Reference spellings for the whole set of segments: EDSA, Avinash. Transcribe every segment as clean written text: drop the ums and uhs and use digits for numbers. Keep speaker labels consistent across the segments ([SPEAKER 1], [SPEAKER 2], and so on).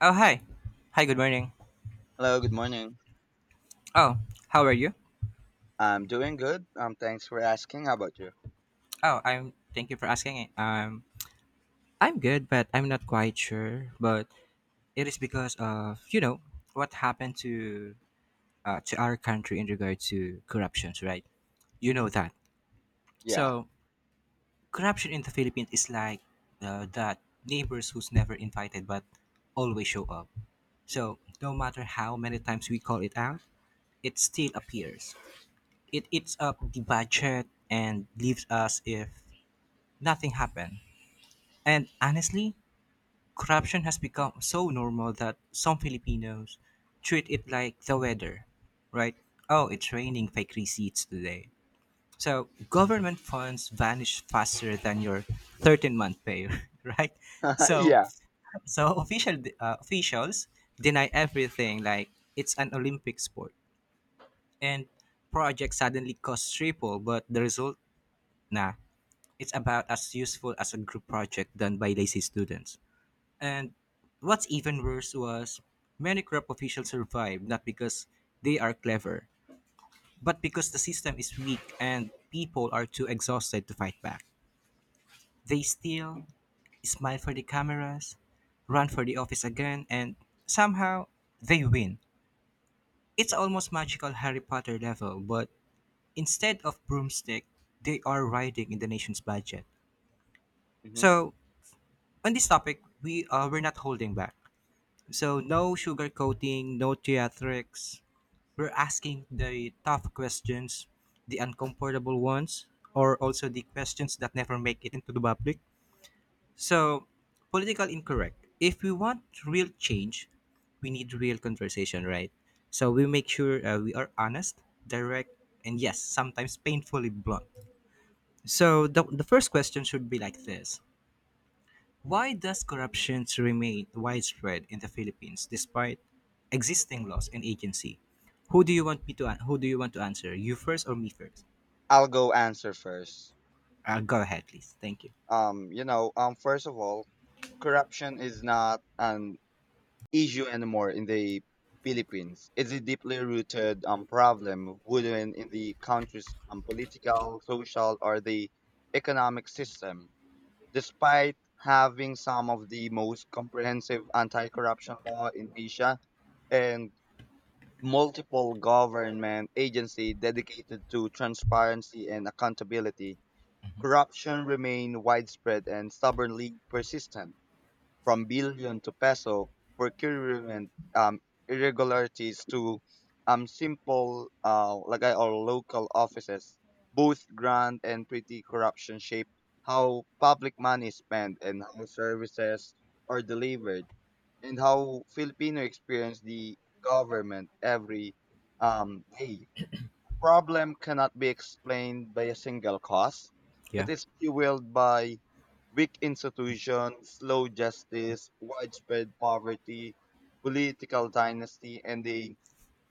[SPEAKER 1] Oh, hi, hi. Good morning.
[SPEAKER 2] Hello, good morning.
[SPEAKER 1] Oh, how are you?
[SPEAKER 2] I'm doing good. Thanks for asking. How about you?
[SPEAKER 1] Oh, I'm. Thank you for asking. It. I'm good, but I'm not quite sure. But it is because of what happened to our country in regard to corruptions, right? You
[SPEAKER 2] Mm-hmm.
[SPEAKER 1] know that.
[SPEAKER 2] Yeah,
[SPEAKER 1] So corruption in the Philippines is like that neighbors who's never invited but always show up. So no matter how many times we call it out, it still appears. It eats up the budget and leaves us if nothing happened. And honestly, corruption has become so normal that some Filipinos treat it like the weather, right? Oh, it's raining fake receipts today. So government funds vanish faster than your 13-month pay, right? So,
[SPEAKER 2] yeah.
[SPEAKER 1] so officials deny everything like it's an Olympic sport, and projects suddenly cost triple, but the result, nah, it's about as useful as a group project done by lazy students. And what's even worse was many corrupt officials survive not because they are clever, but because the system is weak and people are too exhausted to fight back. They steal, smile for the cameras, run for the office again, and somehow they win. It's almost magical Harry Potter level, but instead of broomstick, they are riding in the nation's budget.
[SPEAKER 2] Mm-hmm.
[SPEAKER 1] So on this topic, we're not holding back. So no sugarcoating, no theatrics. We're asking the tough questions, the uncomfortable ones, or also the questions that never make it into the public. So political incorrect. If we want real change, we need real conversation, right? So we make sure we are honest, direct, and yes, sometimes painfully blunt. So the first question should be like this. Why does corruption remain widespread in the Philippines despite existing laws and agency? Who do you want me to an- who do you want to answer? You first or me first?
[SPEAKER 2] I'll go answer first.
[SPEAKER 1] Go ahead, please. Thank you.
[SPEAKER 2] First of all, corruption is not an issue anymore in the Philippines. It's a deeply rooted problem within in the country's political, social, or the economic system. Despite having some of the most comprehensive anti-corruption law in Asia and multiple government agencies dedicated to transparency and accountability, corruption remained widespread and stubbornly persistent. From billion to peso, procurement irregularities to simple lagay or local offices, both grand and petty corruption shape how public money is spent and how services are delivered and how Filipino experience the government every day. Problem cannot be explained by a single cause.
[SPEAKER 1] Yeah.
[SPEAKER 2] It is fueled by weak institutions, slow justice, widespread poverty, political dynasty, and the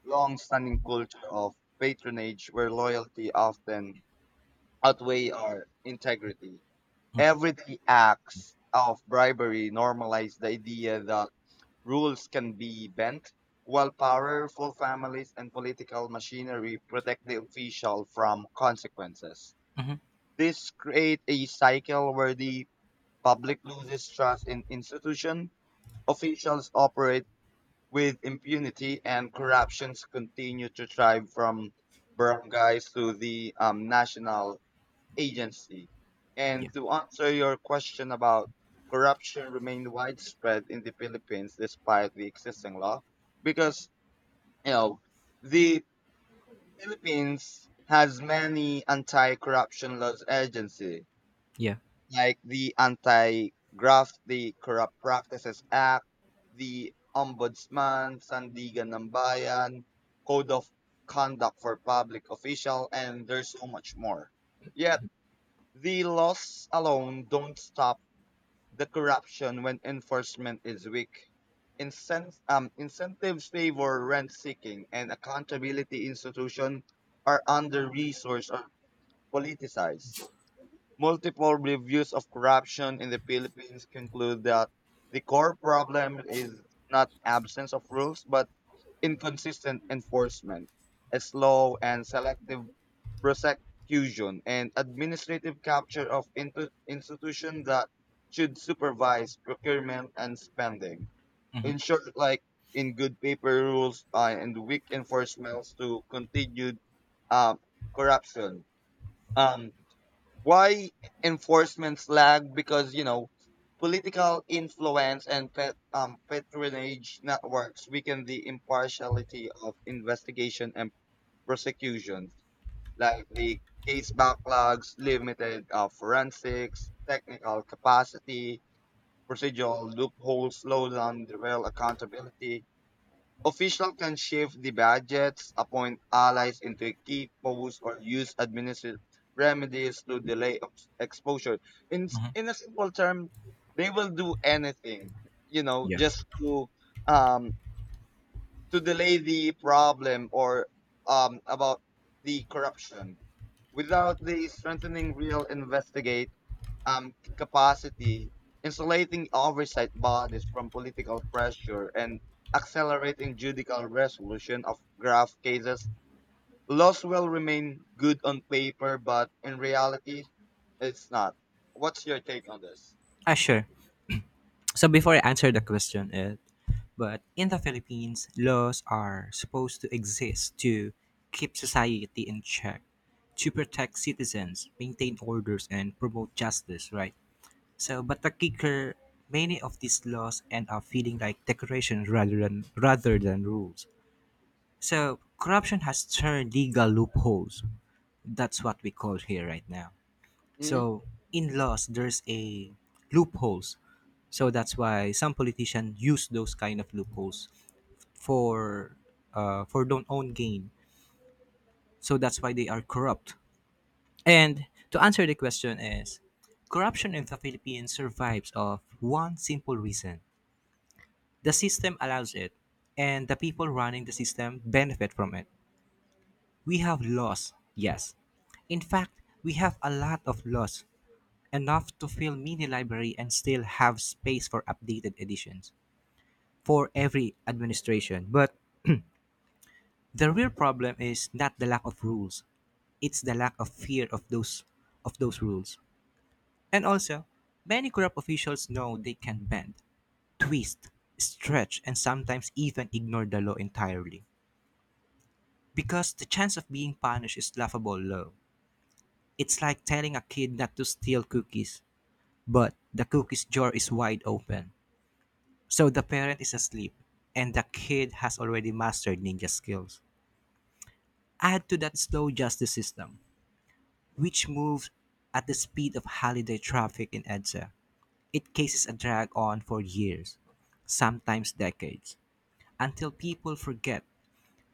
[SPEAKER 2] long-standing culture of patronage where loyalty often outweigh our integrity. Everyday acts of bribery normalize the idea that rules can be bent, while powerful families and political machinery protect the official from consequences.
[SPEAKER 1] Mm-hmm.
[SPEAKER 2] This creates a cycle where the public loses trust in institutions, officials operate with impunity, and corruptions continue to thrive from barangays to the national agency.
[SPEAKER 1] Yeah,
[SPEAKER 2] And to answer your question about corruption remained widespread in the Philippines despite the existing law, because you know the Philippines has many anti-corruption laws agency,
[SPEAKER 1] yeah.
[SPEAKER 2] like the Anti-Graft, the Corrupt Practices Act, the Ombudsman, Sandigan ng Bayan, Code of Conduct for Public Official, and there's so much more. Yeah, the laws alone don't stop the corruption when enforcement is weak. Incentives favor rent seeking, and accountability institutions are under resourced or politicized. Multiple reviews of corruption in the Philippines conclude that the core problem is not absence of rules but inconsistent enforcement, a slow and selective prosecution, and administrative capture of institutions that should supervise procurement and spending.
[SPEAKER 1] Mm-hmm.
[SPEAKER 2] In short, like in good paper rules and weak enforcements to continued uh, corruption. Um, why enforcements lag? Because, political influence and patronage networks weaken the impartiality of investigation and prosecution like the case backlogs, limited forensics, technical capacity, procedural loopholes slow down the real accountability. Officials can shift the budgets, appoint allies into key posts, or use administrative remedies to delay exposure.
[SPEAKER 1] Mm-hmm.
[SPEAKER 2] In a simple term, they will do anything,
[SPEAKER 1] Yeah.
[SPEAKER 2] just um to delay the problem or about the corruption. Without the strengthening real investigate capacity, insulating oversight bodies from political pressure and accelerating judicial resolution of grave cases, laws will remain good on paper, but in reality, it's not. What's your take on this?
[SPEAKER 1] Ah, sure. So before I answer the question, it but in the Philippines, laws are supposed to exist to keep society in check, to protect citizens, maintain orders, and promote justice, right? So, but the kicker, many of these laws end up feeling like decorations rather than rules. So, corruption has turned legal loopholes. That's what we call here right now.
[SPEAKER 2] Mhm,
[SPEAKER 1] So, in laws, there's a loopholes. So that's why some politicians use those kind of loopholes for for their own gain. So that's why they are corrupt. And to answer the question is, corruption in the Philippines survives of one simple reason. The system allows it, and the people running the system benefit from it. We have laws, yes. In fact, we have a lot of laws, enough to fill mini library and still have space for updated editions for every administration. But the real problem is not the lack of rules, it's the lack of fear of those rules. And also, many corrupt officials know they can bend, twist, stretch, and sometimes even ignore the law entirely. Because the chance of being punished is laughable low. It's like telling a kid not to steal cookies, but the cookie's jar is wide open. So the parent is asleep, and the kid has already mastered ninja skills. Add to that slow justice system, which moves at the speed of holiday traffic in EDSA. It cases a drag on for years, sometimes decades, until people forget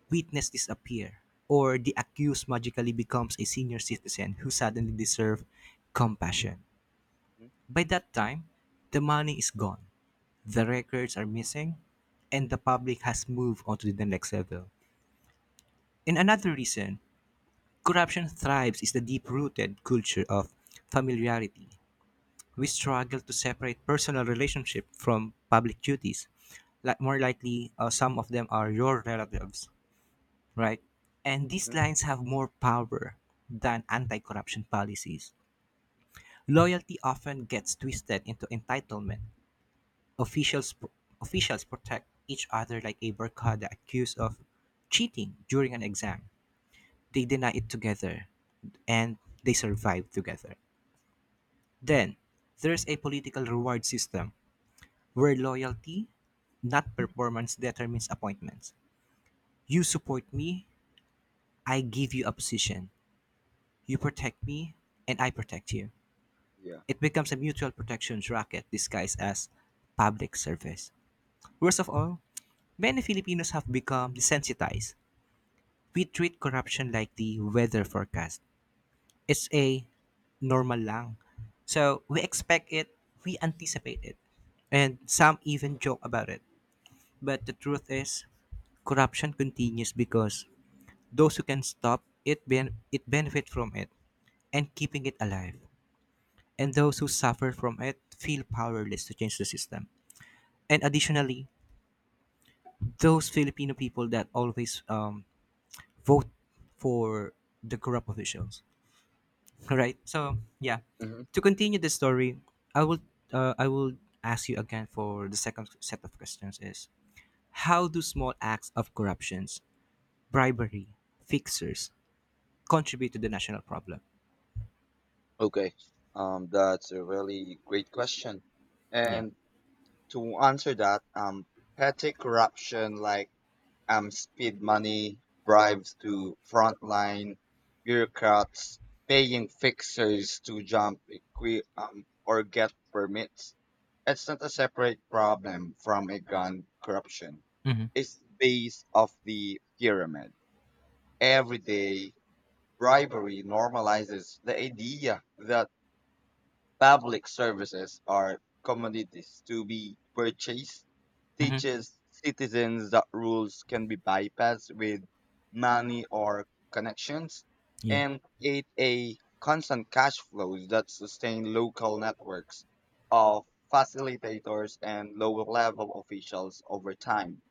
[SPEAKER 1] witness disappear or the accused magically becomes a senior citizen who suddenly deserve compassion.
[SPEAKER 2] mhm,
[SPEAKER 1] By that time, the money is gone, the records are missing, and the public has moved on to the next level. And another reason corruption thrives is the deep-rooted culture of familiarity. We struggle to separate personal relationship from public duties. Like more likely, some of them are your relatives, right? And these
[SPEAKER 2] mhm,
[SPEAKER 1] lines have more power than anti corruption policies. Loyalty often gets twisted into entitlement. Officials, officials protect each other like a barcada accused of cheating during an exam. They deny it together and they survive together. Then, there's a political reward system where
[SPEAKER 2] mhm.
[SPEAKER 1] loyalty, not performance, determines appointments. You support me, I give you a position. You protect me, and I protect you.
[SPEAKER 2] Yeah.
[SPEAKER 1] It becomes a mutual protection racket disguised as public service. Worst of all, many Filipinos have become desensitized. We treat corruption like the weather forecast. It's a normal lang. So we expect it, we anticipate it, and some even joke about it. But the truth is, corruption continues because those who can stop it benefit from it and keeping it alive, and those who suffer from it feel powerless to change the system. And additionally, those Filipino people that always vote for the corrupt officials. All right. So yeah,
[SPEAKER 2] Hmm.
[SPEAKER 1] to continue the story, I will I will ask you again for the second set of questions. Is How do small acts of corruptions, bribery, fixers contribute to the national problem?
[SPEAKER 2] Okay. That's a really great question.
[SPEAKER 1] Yeah.
[SPEAKER 2] And to answer that, petty corruption like speed money, bribes to frontline bureaucrats, paying fixers to jump or get permits. It's not a separate problem from a gun corruption.
[SPEAKER 1] Mm-hmm.
[SPEAKER 2] It's base of the pyramid. Every day, bribery normalizes the idea that public services are commodities to be purchased,
[SPEAKER 1] Mm-hmm.
[SPEAKER 2] teaches citizens that rules can be bypassed with money or connections,
[SPEAKER 1] Yeah.
[SPEAKER 2] and create a constant cash flows that sustain local networks of facilitators and lower level officials over time.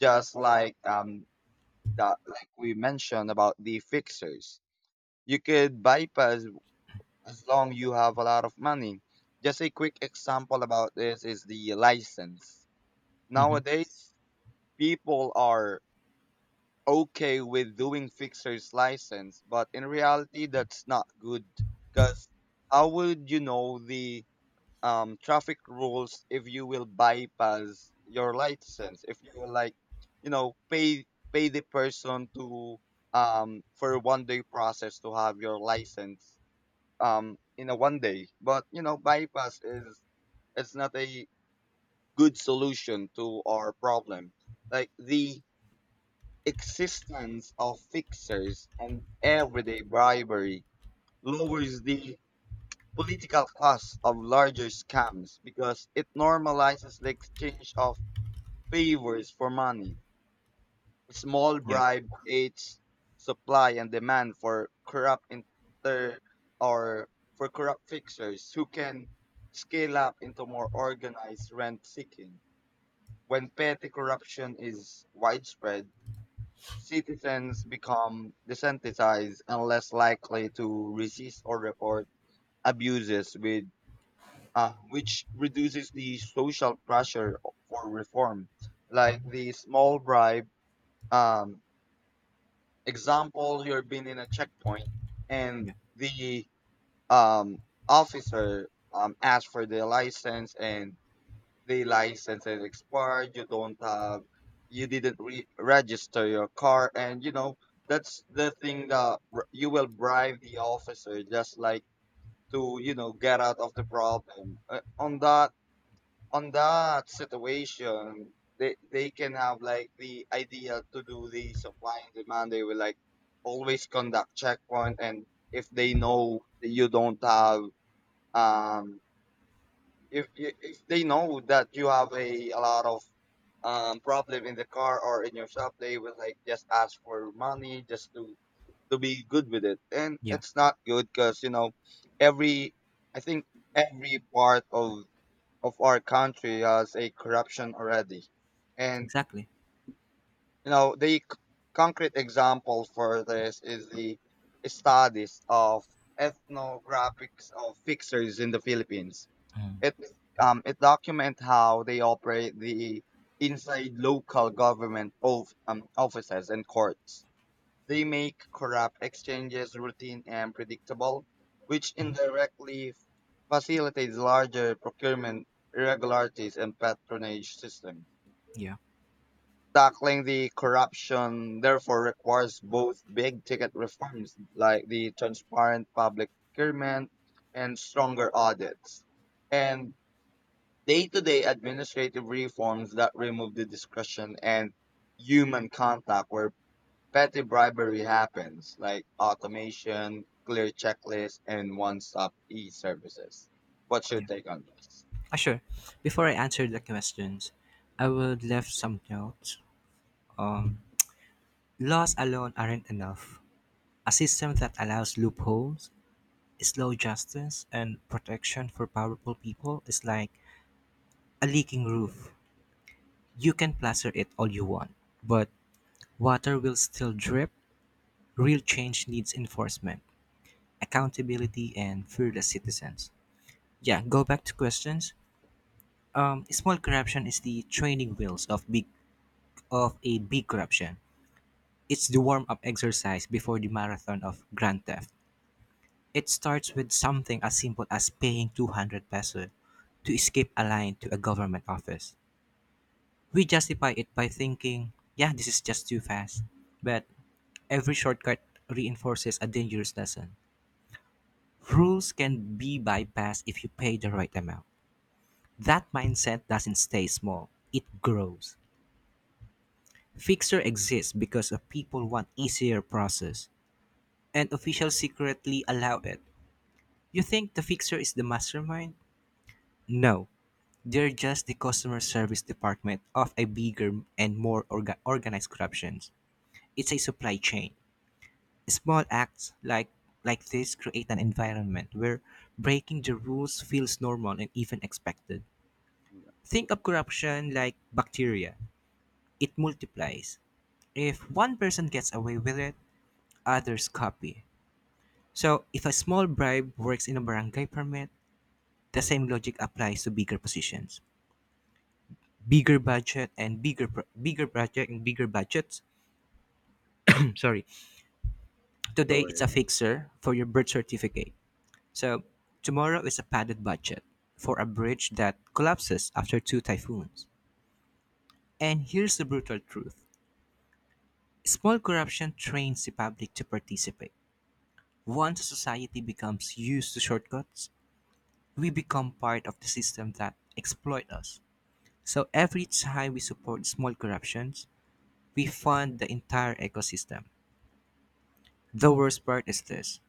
[SPEAKER 2] Just like that, like we mentioned about the fixers, you could bypass as long you have a lot of money. Just a quick example about this is the license.
[SPEAKER 1] Mm-hmm.
[SPEAKER 2] Nowadays, people are okay with doing fixer's license, but in reality, that's not good because how would you know the traffic rules if you will bypass your license? If you will like, you know, pay pay the person to for one day process to have your license in a one day but bypass is it's not a good solution to our problem like the existence of fixers and everyday bribery lowers the political cost of larger scams because it normalizes the exchange of favors for money small
[SPEAKER 1] Yeah.
[SPEAKER 2] bribe aids supply and demand for corrupt inter or for corrupt fixers who can scale up into more organized rent seeking. When petty corruption is widespread, citizens become desensitized and less likely to resist or report abuses with which reduces the social pressure for reform. Like the small bribe, um, example, you're being in a checkpoint and
[SPEAKER 1] Yeah.
[SPEAKER 2] the um, officer asks for the license and the license is expired. You don't have, you didn't register your car. And, that's the thing that you will bribe the officer just like to, get out of the problem. On that situation, they can have like the idea to do the supply and demand. They will like always conduct checkpoint, and if they know that you don't have um if they know that you have a lot of problem in the car or in your shop, they will like just ask for money just to be good with it and
[SPEAKER 1] Yeah.
[SPEAKER 2] it's not good because every I think every part of our country has a corruption already. And
[SPEAKER 1] Exactly.
[SPEAKER 2] the concrete example for this is the studies of ethnographics of fixers in the Philippines. It it document how they operate the inside local government of offices and courts. They make corrupt exchanges routine and predictable, which indirectly facilitates larger procurement irregularities and patronage systems.
[SPEAKER 1] Yeah.
[SPEAKER 2] Tackling the corruption therefore requires both big ticket reforms like the transparent public procurement and stronger audits and day-to-day administrative reforms that remove the discretion and human contact where petty bribery happens, like automation, clear checklists, and one-stop e-services. What's your
[SPEAKER 1] Yeah.
[SPEAKER 2] take on this?
[SPEAKER 1] Ah, sure. Before I answer the questions, I would left some notes. Um, Laws alone aren't enough. A system that allows loopholes, slow justice, and protection for powerful people is like a leaking roof. You can plaster it all you want, but water will still drip. Real change needs enforcement, accountability, and fearless citizens. Yeah, go back to questions. Small corruption is the training wheels of a big corruption. It's the warm up exercise before the marathon of Grand Theft. It starts with something as simple as paying 200 peso to escape a line to a government office. We justify it by thinking, yeah, this is just too fast. But every shortcut reinforces a dangerous lesson. Rules can be bypassed if you pay the right amount. That mindset doesn't stay small, it grows. Fixer exists because of people want easier process, and officials secretly allow it. You think the fixer is the mastermind? No, they're just the customer service department of a bigger and more organized corruption. It's a supply chain. Small acts like this create an environment where breaking the rules feels normal and even expected.
[SPEAKER 2] Yeah,
[SPEAKER 1] Think of corruption like bacteria. It multiplies. If one person gets away with it, others copy. So, if a small bribe works in a barangay permit, the same logic applies to bigger positions. Bigger budget and bigger project and bigger budgets. Sorry. Today
[SPEAKER 2] go
[SPEAKER 1] it's
[SPEAKER 2] ahead.
[SPEAKER 1] a fixer for your birth certificate. So tomorrow is a padded budget for a bridge that collapses after two typhoons. And here's the brutal truth. Small corruption trains the public to participate. Once a society becomes used to shortcuts, we become part of the system that exploit us. So every time we support small corruptions, we fund the entire ecosystem. The worst part is this.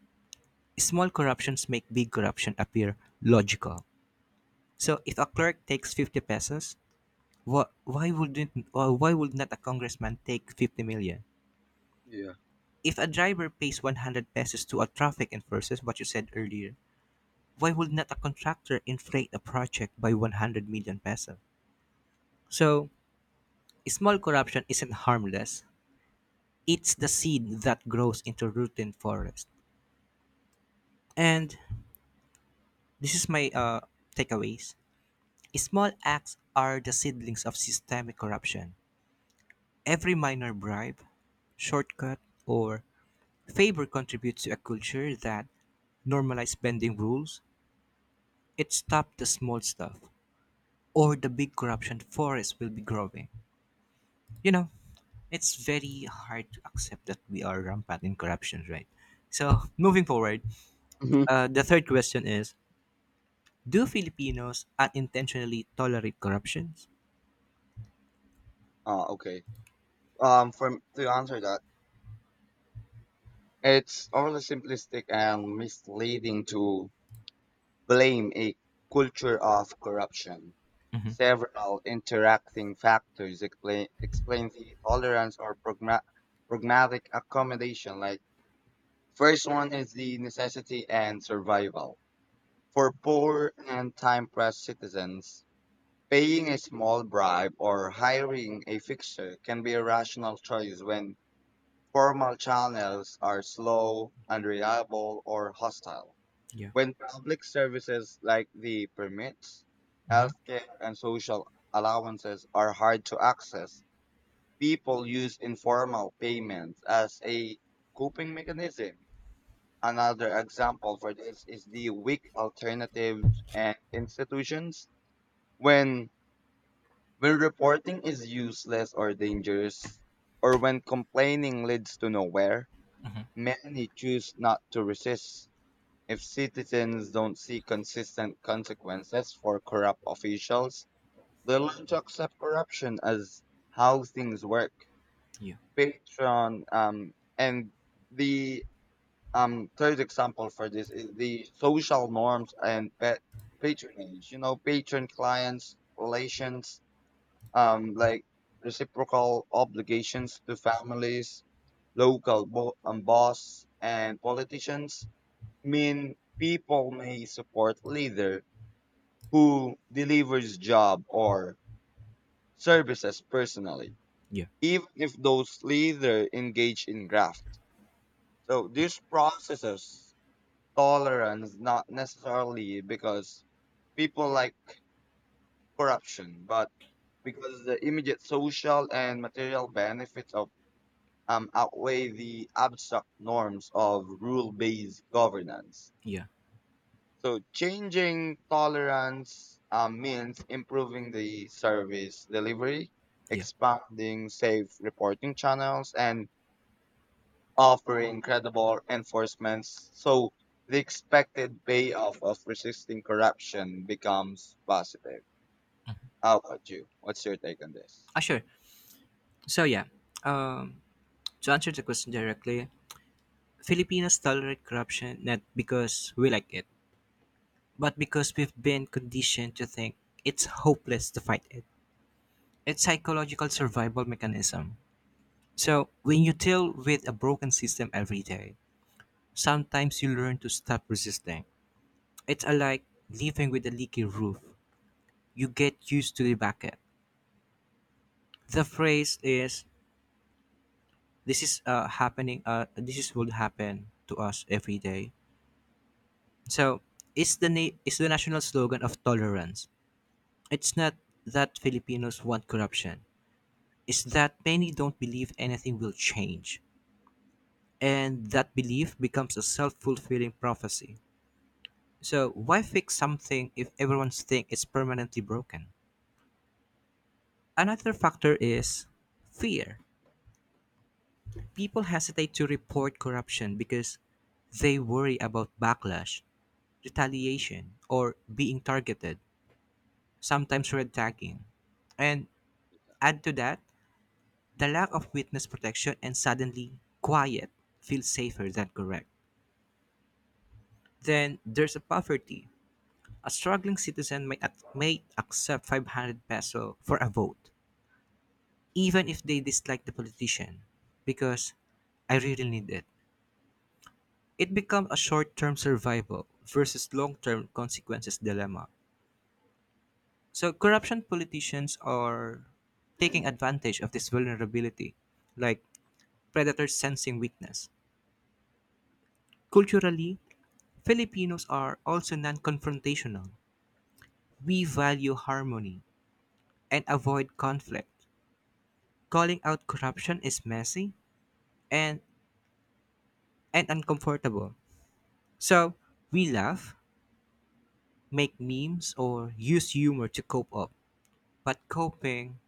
[SPEAKER 1] Small corruptions make big corruption appear logical. So if a clerk takes 50 pesos, why would not a congressman take 50 million?
[SPEAKER 2] Yeah.
[SPEAKER 1] If a driver pays 100 pesos to a traffic enforcer, what you said earlier, why would not a contractor inflate a project by 100 million pesos? So small corruption isn't harmless. It's the seed that grows into routine forest. And this is my takeaways. Small acts are the seedlings of systemic corruption. Every minor bribe, shortcut, or favor contributes to a culture that normalizes bending rules. It stops the small stuff, or the big corruption forest will be growing. You know, it's very hard to accept that we are rampant in corruption, right? So, moving forward,
[SPEAKER 2] Hmm.
[SPEAKER 1] the third question is, do Filipinos unintentionally tolerate corruptions?
[SPEAKER 2] Oh, okay. For to answer that, it's overly simplistic and misleading to blame a culture of corruption.
[SPEAKER 1] Hmm.
[SPEAKER 2] Several interacting factors explain the tolerance or pragmatic accommodation. Like first one is the necessity and survival. For poor and time-pressed citizens, paying a small bribe or hiring a fixer can be a rational choice when formal channels are slow, unreliable, or hostile.
[SPEAKER 1] Yeah.
[SPEAKER 2] When public services like the permits,
[SPEAKER 1] Hmm.
[SPEAKER 2] healthcare, and social allowances are hard to access, people use informal payments as a coping mechanism. Another example for this is the weak alternatives and institutions when when reporting is useless or dangerous or when complaining leads to nowhere, many choose not to resist. If citizens don't see consistent consequences for corrupt officials, they learn to accept corruption as how things work.
[SPEAKER 1] Yeah.
[SPEAKER 2] Patron um and the um third example for this is the social norms and pet patronage, patron clients relations like reciprocal obligations to families, local boss and politicians mean people may support leader who delivers job or services personally
[SPEAKER 1] Yeah.
[SPEAKER 2] even if those leader engage in graft. So these processes tolerance not necessarily because people like corruption, but because the immediate social and material benefits of outweigh the abstract norms of rule-based governance.
[SPEAKER 1] Yeah.
[SPEAKER 2] So changing tolerance means improving the service delivery,
[SPEAKER 1] Yeah.
[SPEAKER 2] expanding safe reporting channels, and offering incredible enforcements, so the expected payoff of resisting corruption becomes positive. How about you? What's your take on this?
[SPEAKER 1] Ah, sure. So yeah, um, to answer the question directly, Filipinos tolerate corruption not because we like it, but because we've been conditioned to think it's hopeless to fight it. It's psychological survival mechanism. So when you deal with a broken system every day, sometimes you learn to stop resisting. It's a like living with a leaky roof. You get used to the bucket. The phrase is, "This is happening. This is will happen to us every day." So, is the national slogan of tolerance? It's not that Filipinos want corruption. It's that many don't believe anything will change, and that belief becomes a self-fulfilling prophecy. So, why fix something if everyone's think it's permanently broken? Another factor is fear. People hesitate to report corruption because they worry about backlash,
[SPEAKER 2] Mhm.
[SPEAKER 1] retaliation, or being targeted, sometimes red tagging. And Add to that the lack of witness protection, and suddenly quiet feels safer than correct. Then there's a poverty. A struggling citizen may accept 500 peso for a vote, even if they dislike the politician, because I really need it. It becomes a short term survival versus long term consequences dilemma. So, corruption politicians are taking advantage of this vulnerability, like predators sensing weakness. Culturally, Filipinos are also non confrontational. We value harmony and avoid conflict. Calling out corruption is messy and, and uncomfortable. So, we laugh, make memes, or use humor to cope up. But coping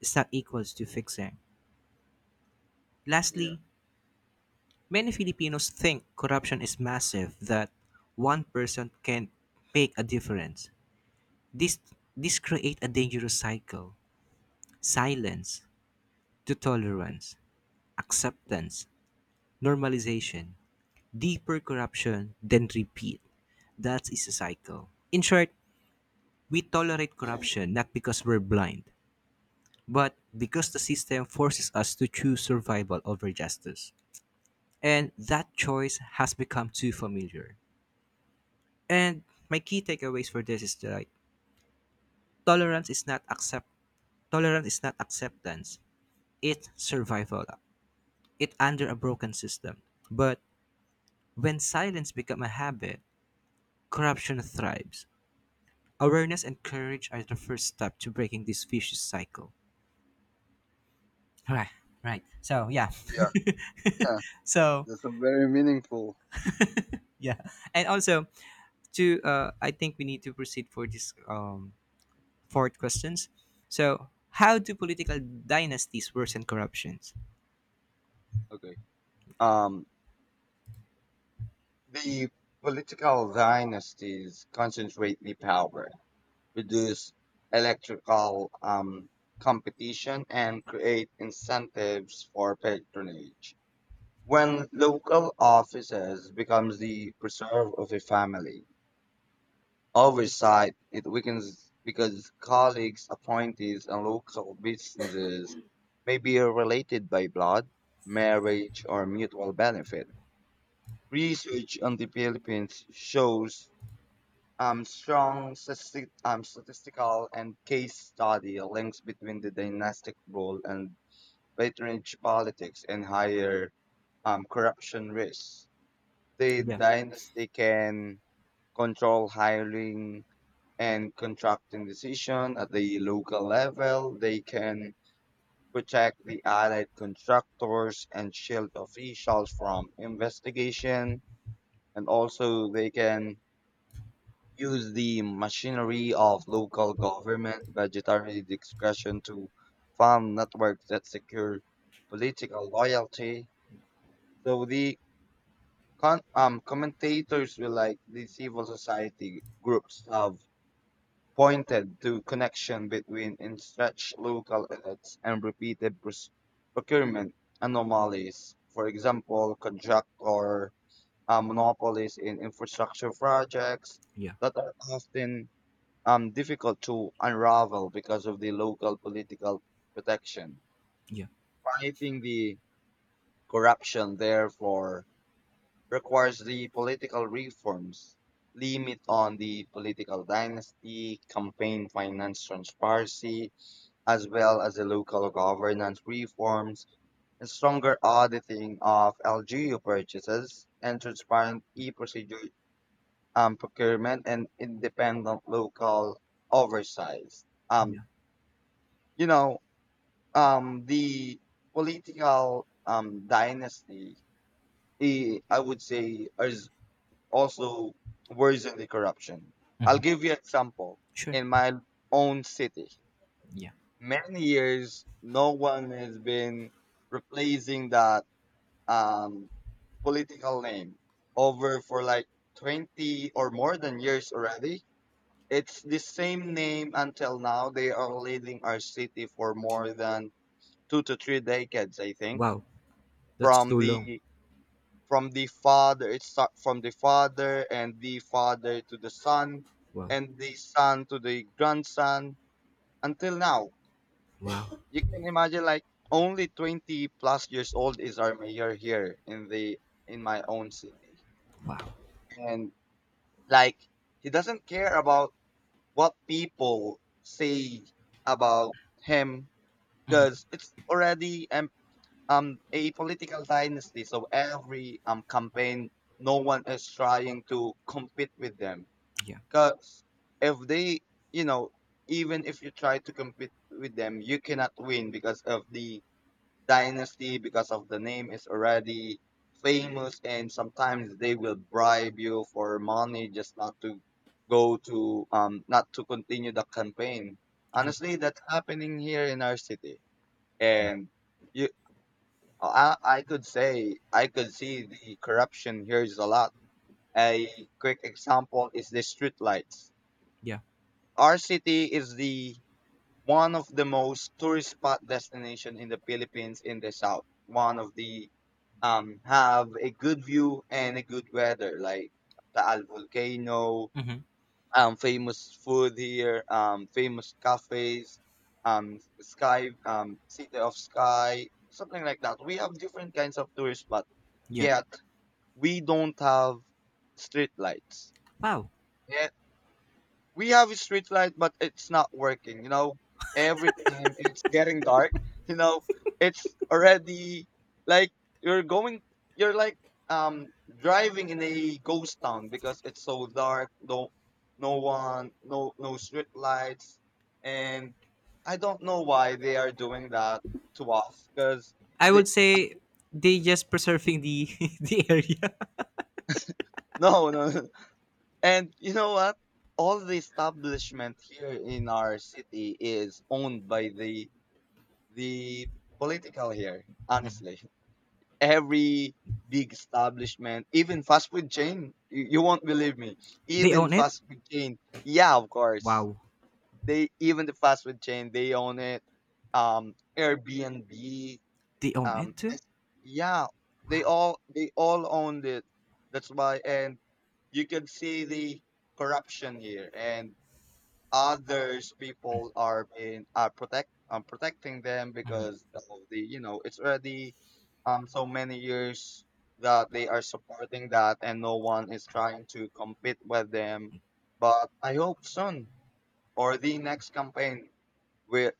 [SPEAKER 1] is not equals to fixing.
[SPEAKER 2] Yeah,
[SPEAKER 1] Lastly, many Filipinos think corruption is massive, that one person can make a difference. This, this create a dangerous cycle, silence to tolerance, acceptance, normalization, deeper corruption, then repeat. That is a cycle. In short, we tolerate corruption not because we're blind, but because the system forces us to choose survival over justice. And that choice has become too familiar. And my key takeaways for this is that like, tolerance is not accept tolerance is not acceptance. It's survival. It under a broken system. But when silence become a habit, corruption thrives. Awareness and courage are the first step to breaking this vicious cycle. Right, right. So yeah,
[SPEAKER 2] yeah, yeah.
[SPEAKER 1] so
[SPEAKER 2] That's a very meaningful.
[SPEAKER 1] yeah, and also to I think we need to proceed for this fourth questions. So how do political dynasties worsen corruptions?
[SPEAKER 2] Okay. Um, the political dynasties concentrate the power, reduce electrical competition, and create incentives for patronage. When local offices becomes the preserve of a family oversight, it weakens because colleagues, appointees, and local businesses may be related by blood, marriage, or mutual benefit. Research on the Philippines shows strong statistical and case study links between the dynastic rule and patronage politics and higher corruption risks. The
[SPEAKER 1] Yeah,
[SPEAKER 2] dynasty can control hiring and contracting decision at the local level. They can protect the allied constructors and shield officials from investigation. And also they can use the machinery of local government budgetary discretion to form networks that secure political loyalty. So the commentators will like the civil society groups have pointed to connection between entrenched local elites and repeated procurement anomalies. For example, contractor monopolies in infrastructure projects
[SPEAKER 1] yeah,
[SPEAKER 2] that are often difficult to unravel because of the local political protection.
[SPEAKER 1] yeah,
[SPEAKER 2] Fighting the corruption, therefore, requires the political reforms, limit on the political dynasty, campaign finance transparency, as well as the local governance reforms, and stronger auditing of LGU purchases and transparent e-procedure procurement and independent local oversight. Um,
[SPEAKER 1] yeah.
[SPEAKER 2] you know, the political dynasty, I would say, is also worsen the corruption. I'll
[SPEAKER 1] Mhm.
[SPEAKER 2] give you an example.
[SPEAKER 1] Sure.
[SPEAKER 2] In my own city,
[SPEAKER 1] Yeah.
[SPEAKER 2] many years, no one has been replacing that um, political name over for like 20 or more than years already. It's the same name until now. They are leading our city for more than 2 to 3 decades, I think,
[SPEAKER 1] Wow, that's
[SPEAKER 2] from
[SPEAKER 1] too long.
[SPEAKER 2] the from the father, it start from the father and the father to the son
[SPEAKER 1] Wow,
[SPEAKER 2] and the son to the grandson until now.
[SPEAKER 1] wow,
[SPEAKER 2] You can imagine like only 20 plus years old is our mayor here in the in my own city.
[SPEAKER 1] wow.
[SPEAKER 2] And like he doesn't care about what people say about him because it's already a political dynasty. So every campaign, no one is trying to compete with them.
[SPEAKER 1] Yeah,
[SPEAKER 2] Cause if they, you know, even if you try to compete with them, you cannot win because of the dynasty, because of the name is already famous, and sometimes they will bribe you for money just not to go to not to continue the campaign.
[SPEAKER 1] yeah,
[SPEAKER 2] Honestly, that's happening here in our city, and you I could see the corruption here is a lot. A quick example is the streetlights.
[SPEAKER 1] yeah.
[SPEAKER 2] Our city is the one of the most tourist spot destination in the Philippines in the south. One of the have a good view and a good weather like Taal volcano,
[SPEAKER 1] Hmm.
[SPEAKER 2] famous food here, famous cafes, sky, city of sky, something like that. We have different kinds of tourists, but
[SPEAKER 1] Yeah.
[SPEAKER 2] yet we don't have street lights.
[SPEAKER 1] Wow.
[SPEAKER 2] We have a street light, but it's not working. Every time it's getting dark. You know, it's already like you're going, you're like um driving in a ghost town because it's so dark. No, no one, no street lights, and I don't know why they are doing that to us because
[SPEAKER 1] I
[SPEAKER 2] they
[SPEAKER 1] would say they just preserving the the area.
[SPEAKER 2] no, no. No. And you know what? All the establishment here in our city is owned by the political here, honestly. Every big establishment, even fast food chain, you won't believe me.
[SPEAKER 1] They
[SPEAKER 2] Even
[SPEAKER 1] own it.
[SPEAKER 2] fast food chain, yeah, of course.
[SPEAKER 1] Wow.
[SPEAKER 2] They even the fast food chain, they own it. Airbnb,
[SPEAKER 1] They own it.
[SPEAKER 2] um,
[SPEAKER 1] Too?
[SPEAKER 2] S- yeah, they
[SPEAKER 1] Wow.
[SPEAKER 2] all they all owned it. That's why, and you can see the corruption here and others people are protecting them because of the it's already so many years that they are supporting that and no one is trying to compete with them but I hope soon or the next campaign will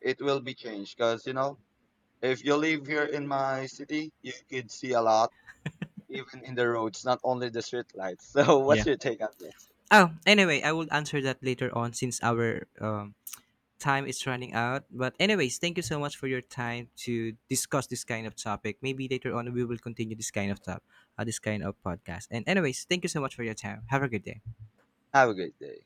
[SPEAKER 2] it will be changed because if you live here in my city you could see a lot even in the roads not only the street lights. So
[SPEAKER 1] Yeah.
[SPEAKER 2] what's your take on this?
[SPEAKER 1] Oh, anyway, I will answer that later on since our time is running out. But anyways, thank you so much for your time to discuss this kind of topic. Maybe later on we will continue this kind of podcast. And anyways, thank you so much for your time. Have a good day.
[SPEAKER 2] Have a great day.